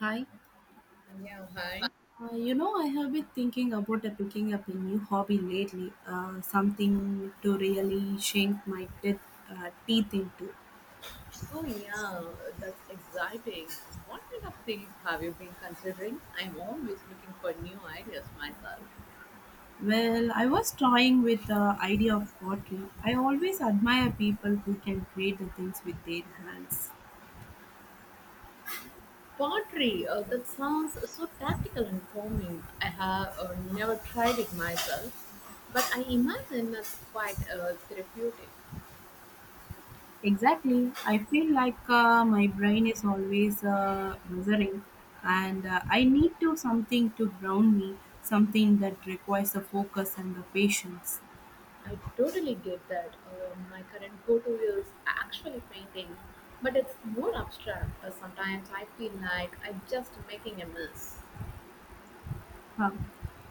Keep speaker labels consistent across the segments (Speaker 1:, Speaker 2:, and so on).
Speaker 1: Hi.
Speaker 2: Yeah, hi.
Speaker 1: I have been thinking about picking up a new hobby lately, something to really sink my teeth into.
Speaker 2: Oh, yeah, that's exciting. What kind of things have you been considering? I'm always looking for new ideas myself.
Speaker 1: Well, I was toying with the idea of pottery. I always admire people who can create the things with their hands.
Speaker 2: Pottery, that sounds so tactical and calming. I have never tried it myself, but I imagine that's quite therapeutic.
Speaker 1: Exactly. I feel like my brain is always buzzing, and I need to something to ground me, something that requires the focus and the patience.
Speaker 2: I totally get that. My current go to is actually painting, but it's more abstract. Sometimes I feel like I'm just making a mess.
Speaker 1: Huh.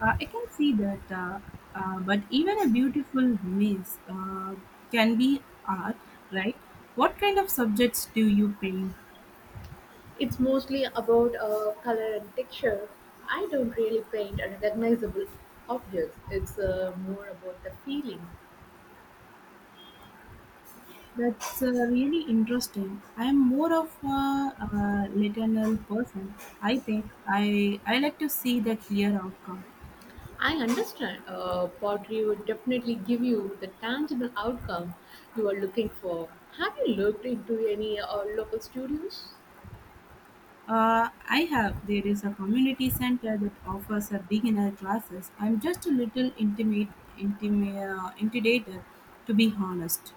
Speaker 1: I can see that, but even a beautiful maze can be art, right? What kind of subjects do you paint?
Speaker 2: It's mostly about color and texture. I don't really paint a recognizable objects. It's more about the feeling.
Speaker 1: That's really interesting. I'm more of a, literal person. I think I like to see the clear outcome.
Speaker 2: I understand, pottery would definitely give you the tangible outcome you are looking for. Have you looked into any local studios?
Speaker 1: Uh, I have there is a community center that offers a beginner classes. I'm just a little intimidated, to be honest.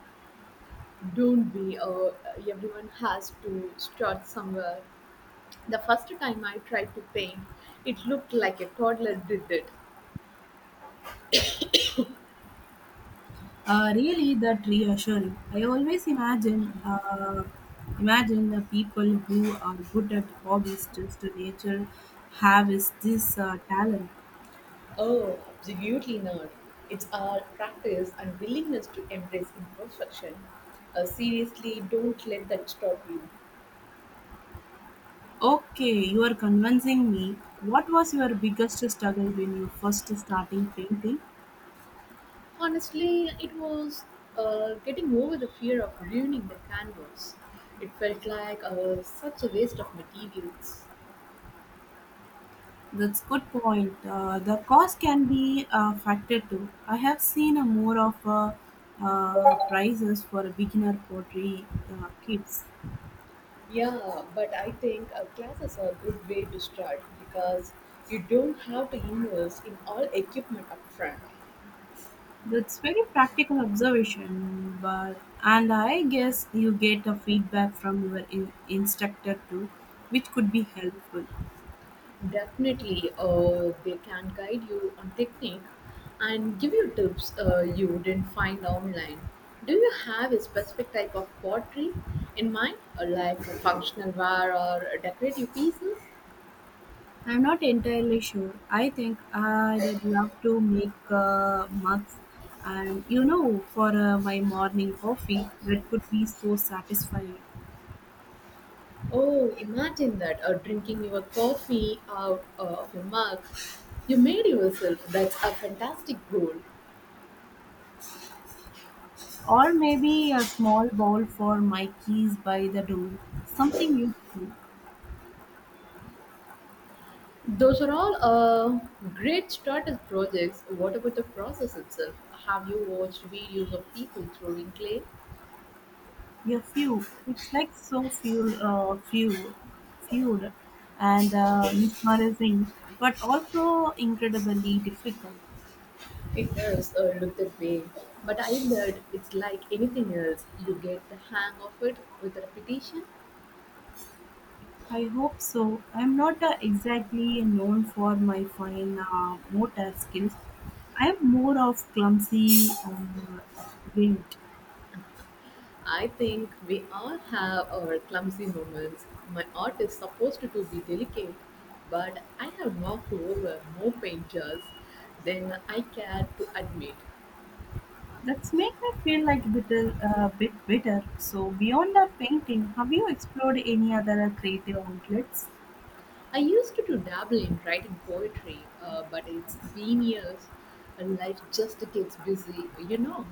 Speaker 2: Don't be, everyone has to start somewhere. The first time I tried to paint, it looked like a toddler did it.
Speaker 1: Really, that reassuring. I always imagine the people who are good at hobbies just to nature have is this talent.
Speaker 2: Oh, absolutely not. It's our practice and willingness to embrace imperfection. Seriously, don't let that stop you.
Speaker 1: Okay, you are convincing me. What was your biggest struggle when you first starting painting?
Speaker 2: Honestly, it was getting over the fear of ruining the canvas. It felt like such a waste of materials.
Speaker 1: That's good point. The cost can be a factor too. I have seen a more of a prices for beginner pottery kits.
Speaker 2: Yeah, but I think classes are a good way to start because you don't have to invest in all equipment upfront.
Speaker 1: That's very practical observation, but and I guess you get a feedback from your instructor too, which could be helpful.
Speaker 2: Definitely, they can guide you on technique and give you tips you didn't find online. Do you have a specific type of pottery in mind, like a functional ware or decorative pieces?
Speaker 1: I'm not entirely sure. I think I'd love to make mugs, and you know, for my morning coffee, that could be so satisfying.
Speaker 2: Oh, imagine that, drinking your coffee out of a mug you made yourself. That's a fantastic goal.
Speaker 1: Or maybe a small bowl for my keys by the door, something useful.
Speaker 2: Those are all great starter projects. What about the process itself? Have you watched videos of people throwing clay?
Speaker 1: Yeah, few. It's like so fueled and mesmerizing, but also incredibly difficult.
Speaker 2: It does look that way, but I bet it's like anything else. You get the hang of it with repetition.
Speaker 1: I hope so. I'm not exactly known for my fine motor skills. I'm more of clumsy wind.
Speaker 2: I think we all have our clumsy moments. My art is supposed to be delicate, but I have knocked over more paint jars than I care to admit.
Speaker 1: That's make me feel like a bit bitter. So beyond the painting, have you explored any other creative outlets?
Speaker 2: I used to dabble in writing poetry, but it's been years, and life just gets busy.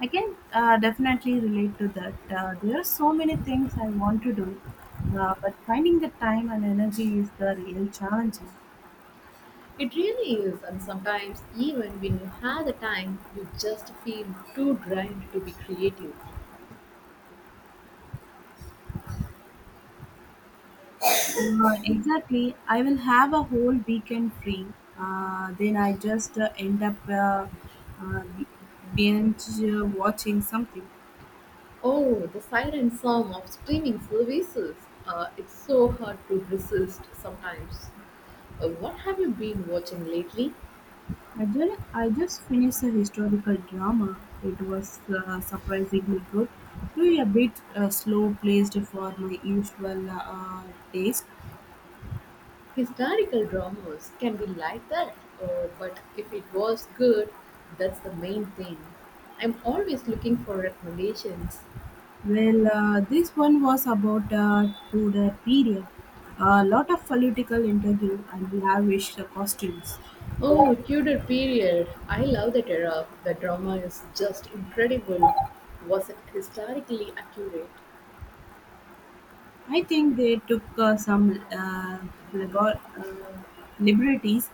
Speaker 1: I can definitely relate to that. There are so many things I want to do, but finding the time and energy is the real challenge.
Speaker 2: It really is, and sometimes even when you have the time, you just feel too drained to be creative.
Speaker 1: Exactly. I will have a whole weekend free. Then I just uh, b- binge watching something.
Speaker 2: Oh, the siren song of streaming services. It's so hard to resist sometimes. What have you been watching lately?
Speaker 1: I just finished a historical drama. It was surprisingly good, though a bit slow placed for my usual taste.
Speaker 2: Historical dramas can be like that, but if it was good, that's the main thing. I'm always looking for recommendations.
Speaker 1: Well, this one was about Tudor period. A lot of political interview and lavish costumes.
Speaker 2: Oh, Tudor period. I love that era. The drama is just incredible. Was it historically accurate?
Speaker 1: I think they took some liber- uh, liberties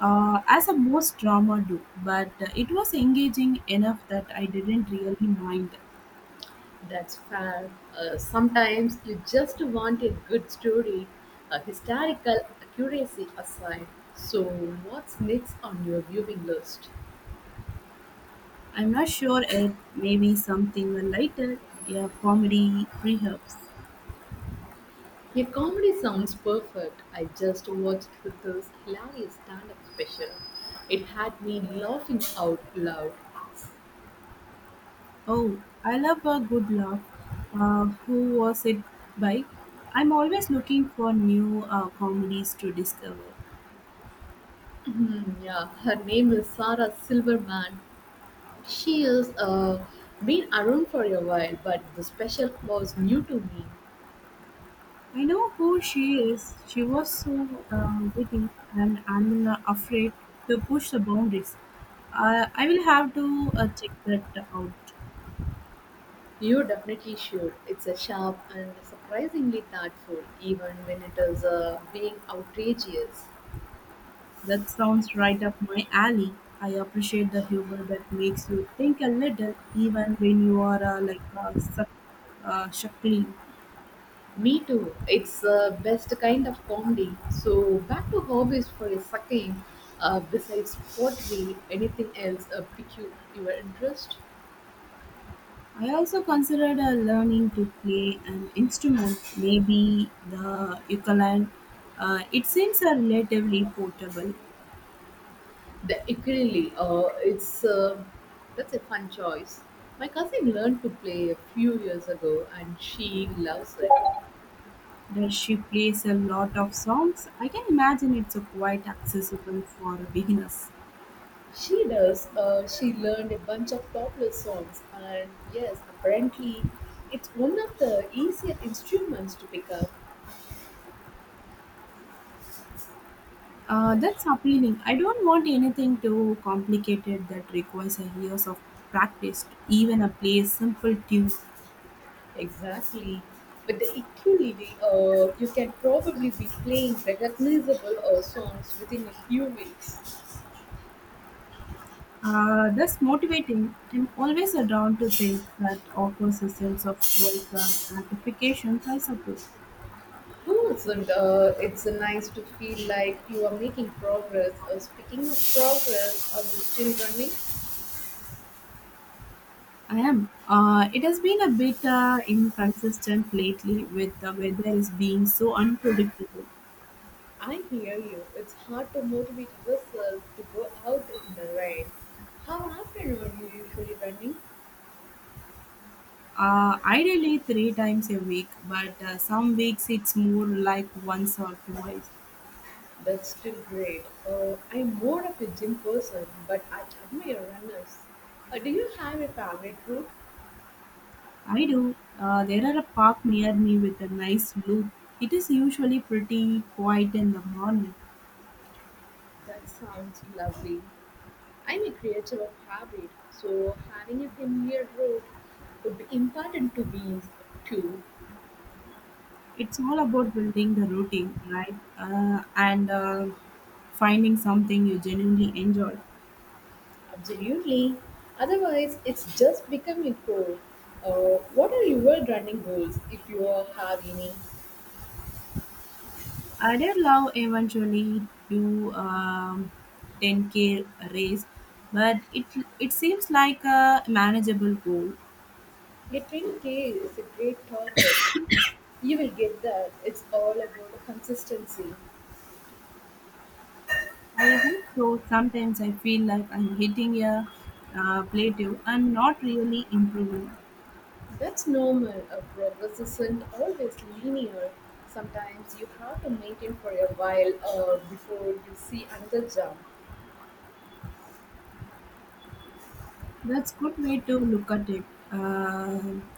Speaker 1: as a most drama do, but it was engaging enough that I didn't really mind.
Speaker 2: That's fair. Sometimes you just want a good story, a historical accuracy aside. So, what's next on your viewing list?
Speaker 1: I'm not sure it may be something lighter, a comedy, perhaps.
Speaker 2: A comedy sounds perfect. I just watched this hilarious stand up special. It had me laughing out loud.
Speaker 1: Oh, I love a good laugh. Who was it by? I'm always looking for new comedies to discover.
Speaker 2: Mhm, yeah, her name is Sarah Silverman. She's been around for a while, but the special was new to me.
Speaker 1: I know who she is. She was so witty, and I'm afraid to push the boundaries. I will have to check that out.
Speaker 2: You definitely should. It's a sharp and surprisingly thoughtful, even when it is being outrageous.
Speaker 1: That sounds right up my alley. I appreciate the humor that makes you think a little, even when you are like shuckling.
Speaker 2: Me too. It's the best kind of comedy. So back to hobbies for a second. Besides pottery, anything else pique your interest?
Speaker 1: I also considered learning to play an instrument, maybe the ukulele. It seems a relatively portable.
Speaker 2: The ukulele, it's that's a fun choice. My cousin learned to play a few years ago, and she loves it.
Speaker 1: Does she plays a lot of songs. I can imagine it's a quite accessible for beginners.
Speaker 2: She does. She learned a bunch of popular songs, and yes, apparently, it's one of the easier instruments to pick up.
Speaker 1: That's appealing. I don't want anything too complicated that requires a years of practice. Even a play simple tune.
Speaker 2: Exactly. But the ukulele, you can probably be playing recognizable songs within a few weeks.
Speaker 1: That's motivating. I'm always drawn to things that offers a sense of worth and gratification, I suppose.
Speaker 2: No, it's nice to feel like you are making progress. Speaking of progress, are you still running?
Speaker 1: I am. It has been a bit inconsistent lately with the weather is being so unpredictable.
Speaker 2: I hear you. It's hard to motivate yourself to go out in the rain. How often are you usually running?
Speaker 1: Ideally three times a week, but some weeks it's more like once or twice.
Speaker 2: That's still great. I'm more of a gym person, but I admire runners. Do you have a favorite group?
Speaker 1: I do. There are a park near me with a nice view. It is usually pretty quiet in the morning.
Speaker 2: That sounds lovely. I'm a creature of habit, so having a familiar route would be important to me too.
Speaker 1: It's all about building the routine, right? And finding something you genuinely enjoy.
Speaker 2: Absolutely. Otherwise, it's just becoming cold. What are your running goals if you have any?
Speaker 1: I did love eventually do 10K race, but it seems like a manageable goal.
Speaker 2: A 10K is a great target. You will get that. It's all about consistency.
Speaker 1: I hope so. Sometimes I feel like I'm hitting a plateau and not really improving.
Speaker 2: That's normal. A progress isn't always linear. Sometimes you have to maintain for a while before you see another jump.
Speaker 1: That's good way to look at it. Um,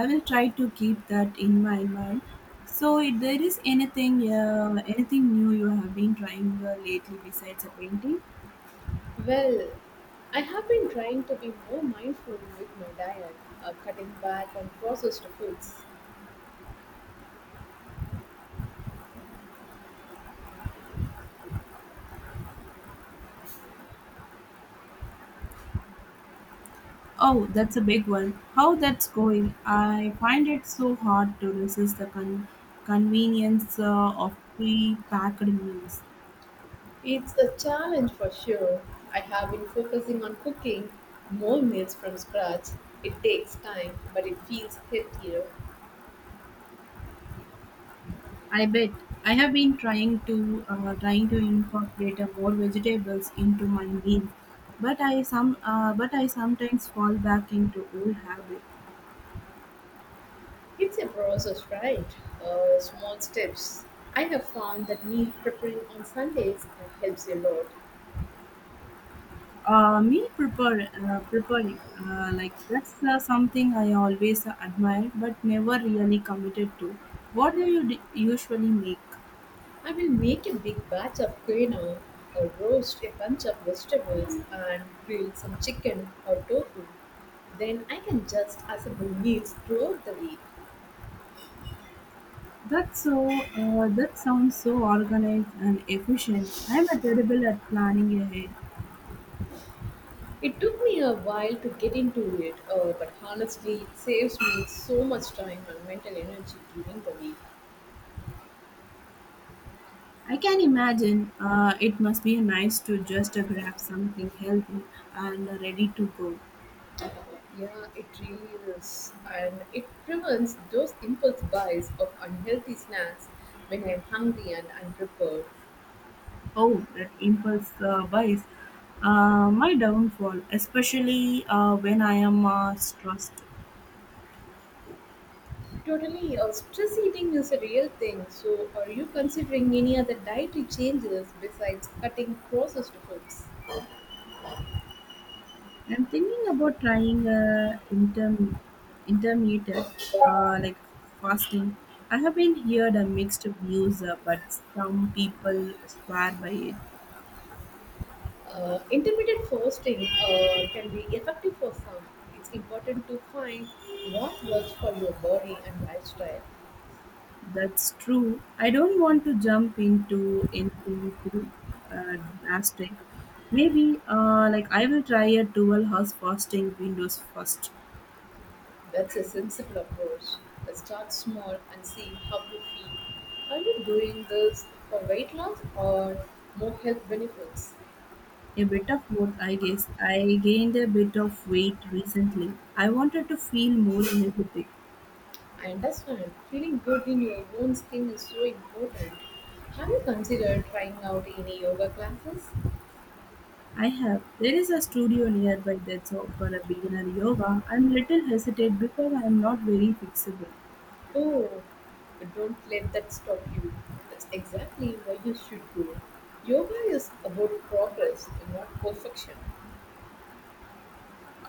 Speaker 1: I will try to keep that in my mind. So, if there is anything new you have been trying lately besides a painting?
Speaker 2: Well, I have been trying to be more mindful with my diet, cutting back on processed foods.
Speaker 1: Oh, that's a big one. How that's going? I find it so hard to resist the convenience of pre-packed meals.
Speaker 2: It's a challenge for sure. I have been focusing on cooking more meals from scratch. It takes time, but it feels healthier.
Speaker 1: I bet. I have been trying to incorporate more vegetables into my meals, but I sometimes fall back into old habits.
Speaker 2: It's a process, right? Small steps. I have found that meal preparing on Sundays helps a lot.
Speaker 1: Preparing that's something I always admired but never really committed to. What do you usually make?
Speaker 2: I will make a big batch of quinoa, or roast a bunch of vegetables and grill some chicken or tofu. Then I can just assemble meals throughout the week.
Speaker 1: That's so. That sounds so organized and efficient. I'm a terrible at planning ahead.
Speaker 2: It took me a while to get into it, but honestly, it saves me so much time and mental energy during the week.
Speaker 1: I can imagine it must be nice to just grab something healthy and ready to go.
Speaker 2: Yeah, it really is. And it prevents those impulse buys of unhealthy snacks when I'm hungry and unprepared.
Speaker 1: Oh, that impulse buys my downfall, especially when I am stressed.
Speaker 2: Totally, stress eating is a real thing. So, are you considering any other dietary changes besides cutting processed foods?
Speaker 1: I'm thinking about trying intermittent, uh, like fasting. I have been heard a mixed views, but some people swear by it.
Speaker 2: Intermittent fasting can be effective for some. It's important to find what works for your body and lifestyle.
Speaker 1: That's true. I don't want to jump into too uh, drastic. Maybe I will try a dual house fasting windows first.
Speaker 2: That's a sensible approach. Start small and see how you feel. Are you doing this for weight loss or more health benefits?
Speaker 1: A bit of both, I guess. I gained a bit of weight recently. I wanted to feel more energetic.
Speaker 2: I understand feeling good in your own skin is so important. Have you considered trying out any yoga classes?
Speaker 1: I have. There is a studio nearby that's offer a beginner yoga. I'm little hesitant because I'm not very fixable.
Speaker 2: Oh, don't let that stop you. That's exactly why you should go. Yoga is about progress, not perfection.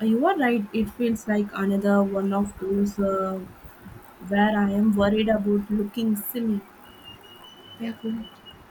Speaker 1: You are right. It feels like another one of those where I am worried about looking silly.
Speaker 2: Yeah,
Speaker 1: Thank you.
Speaker 2: thank you.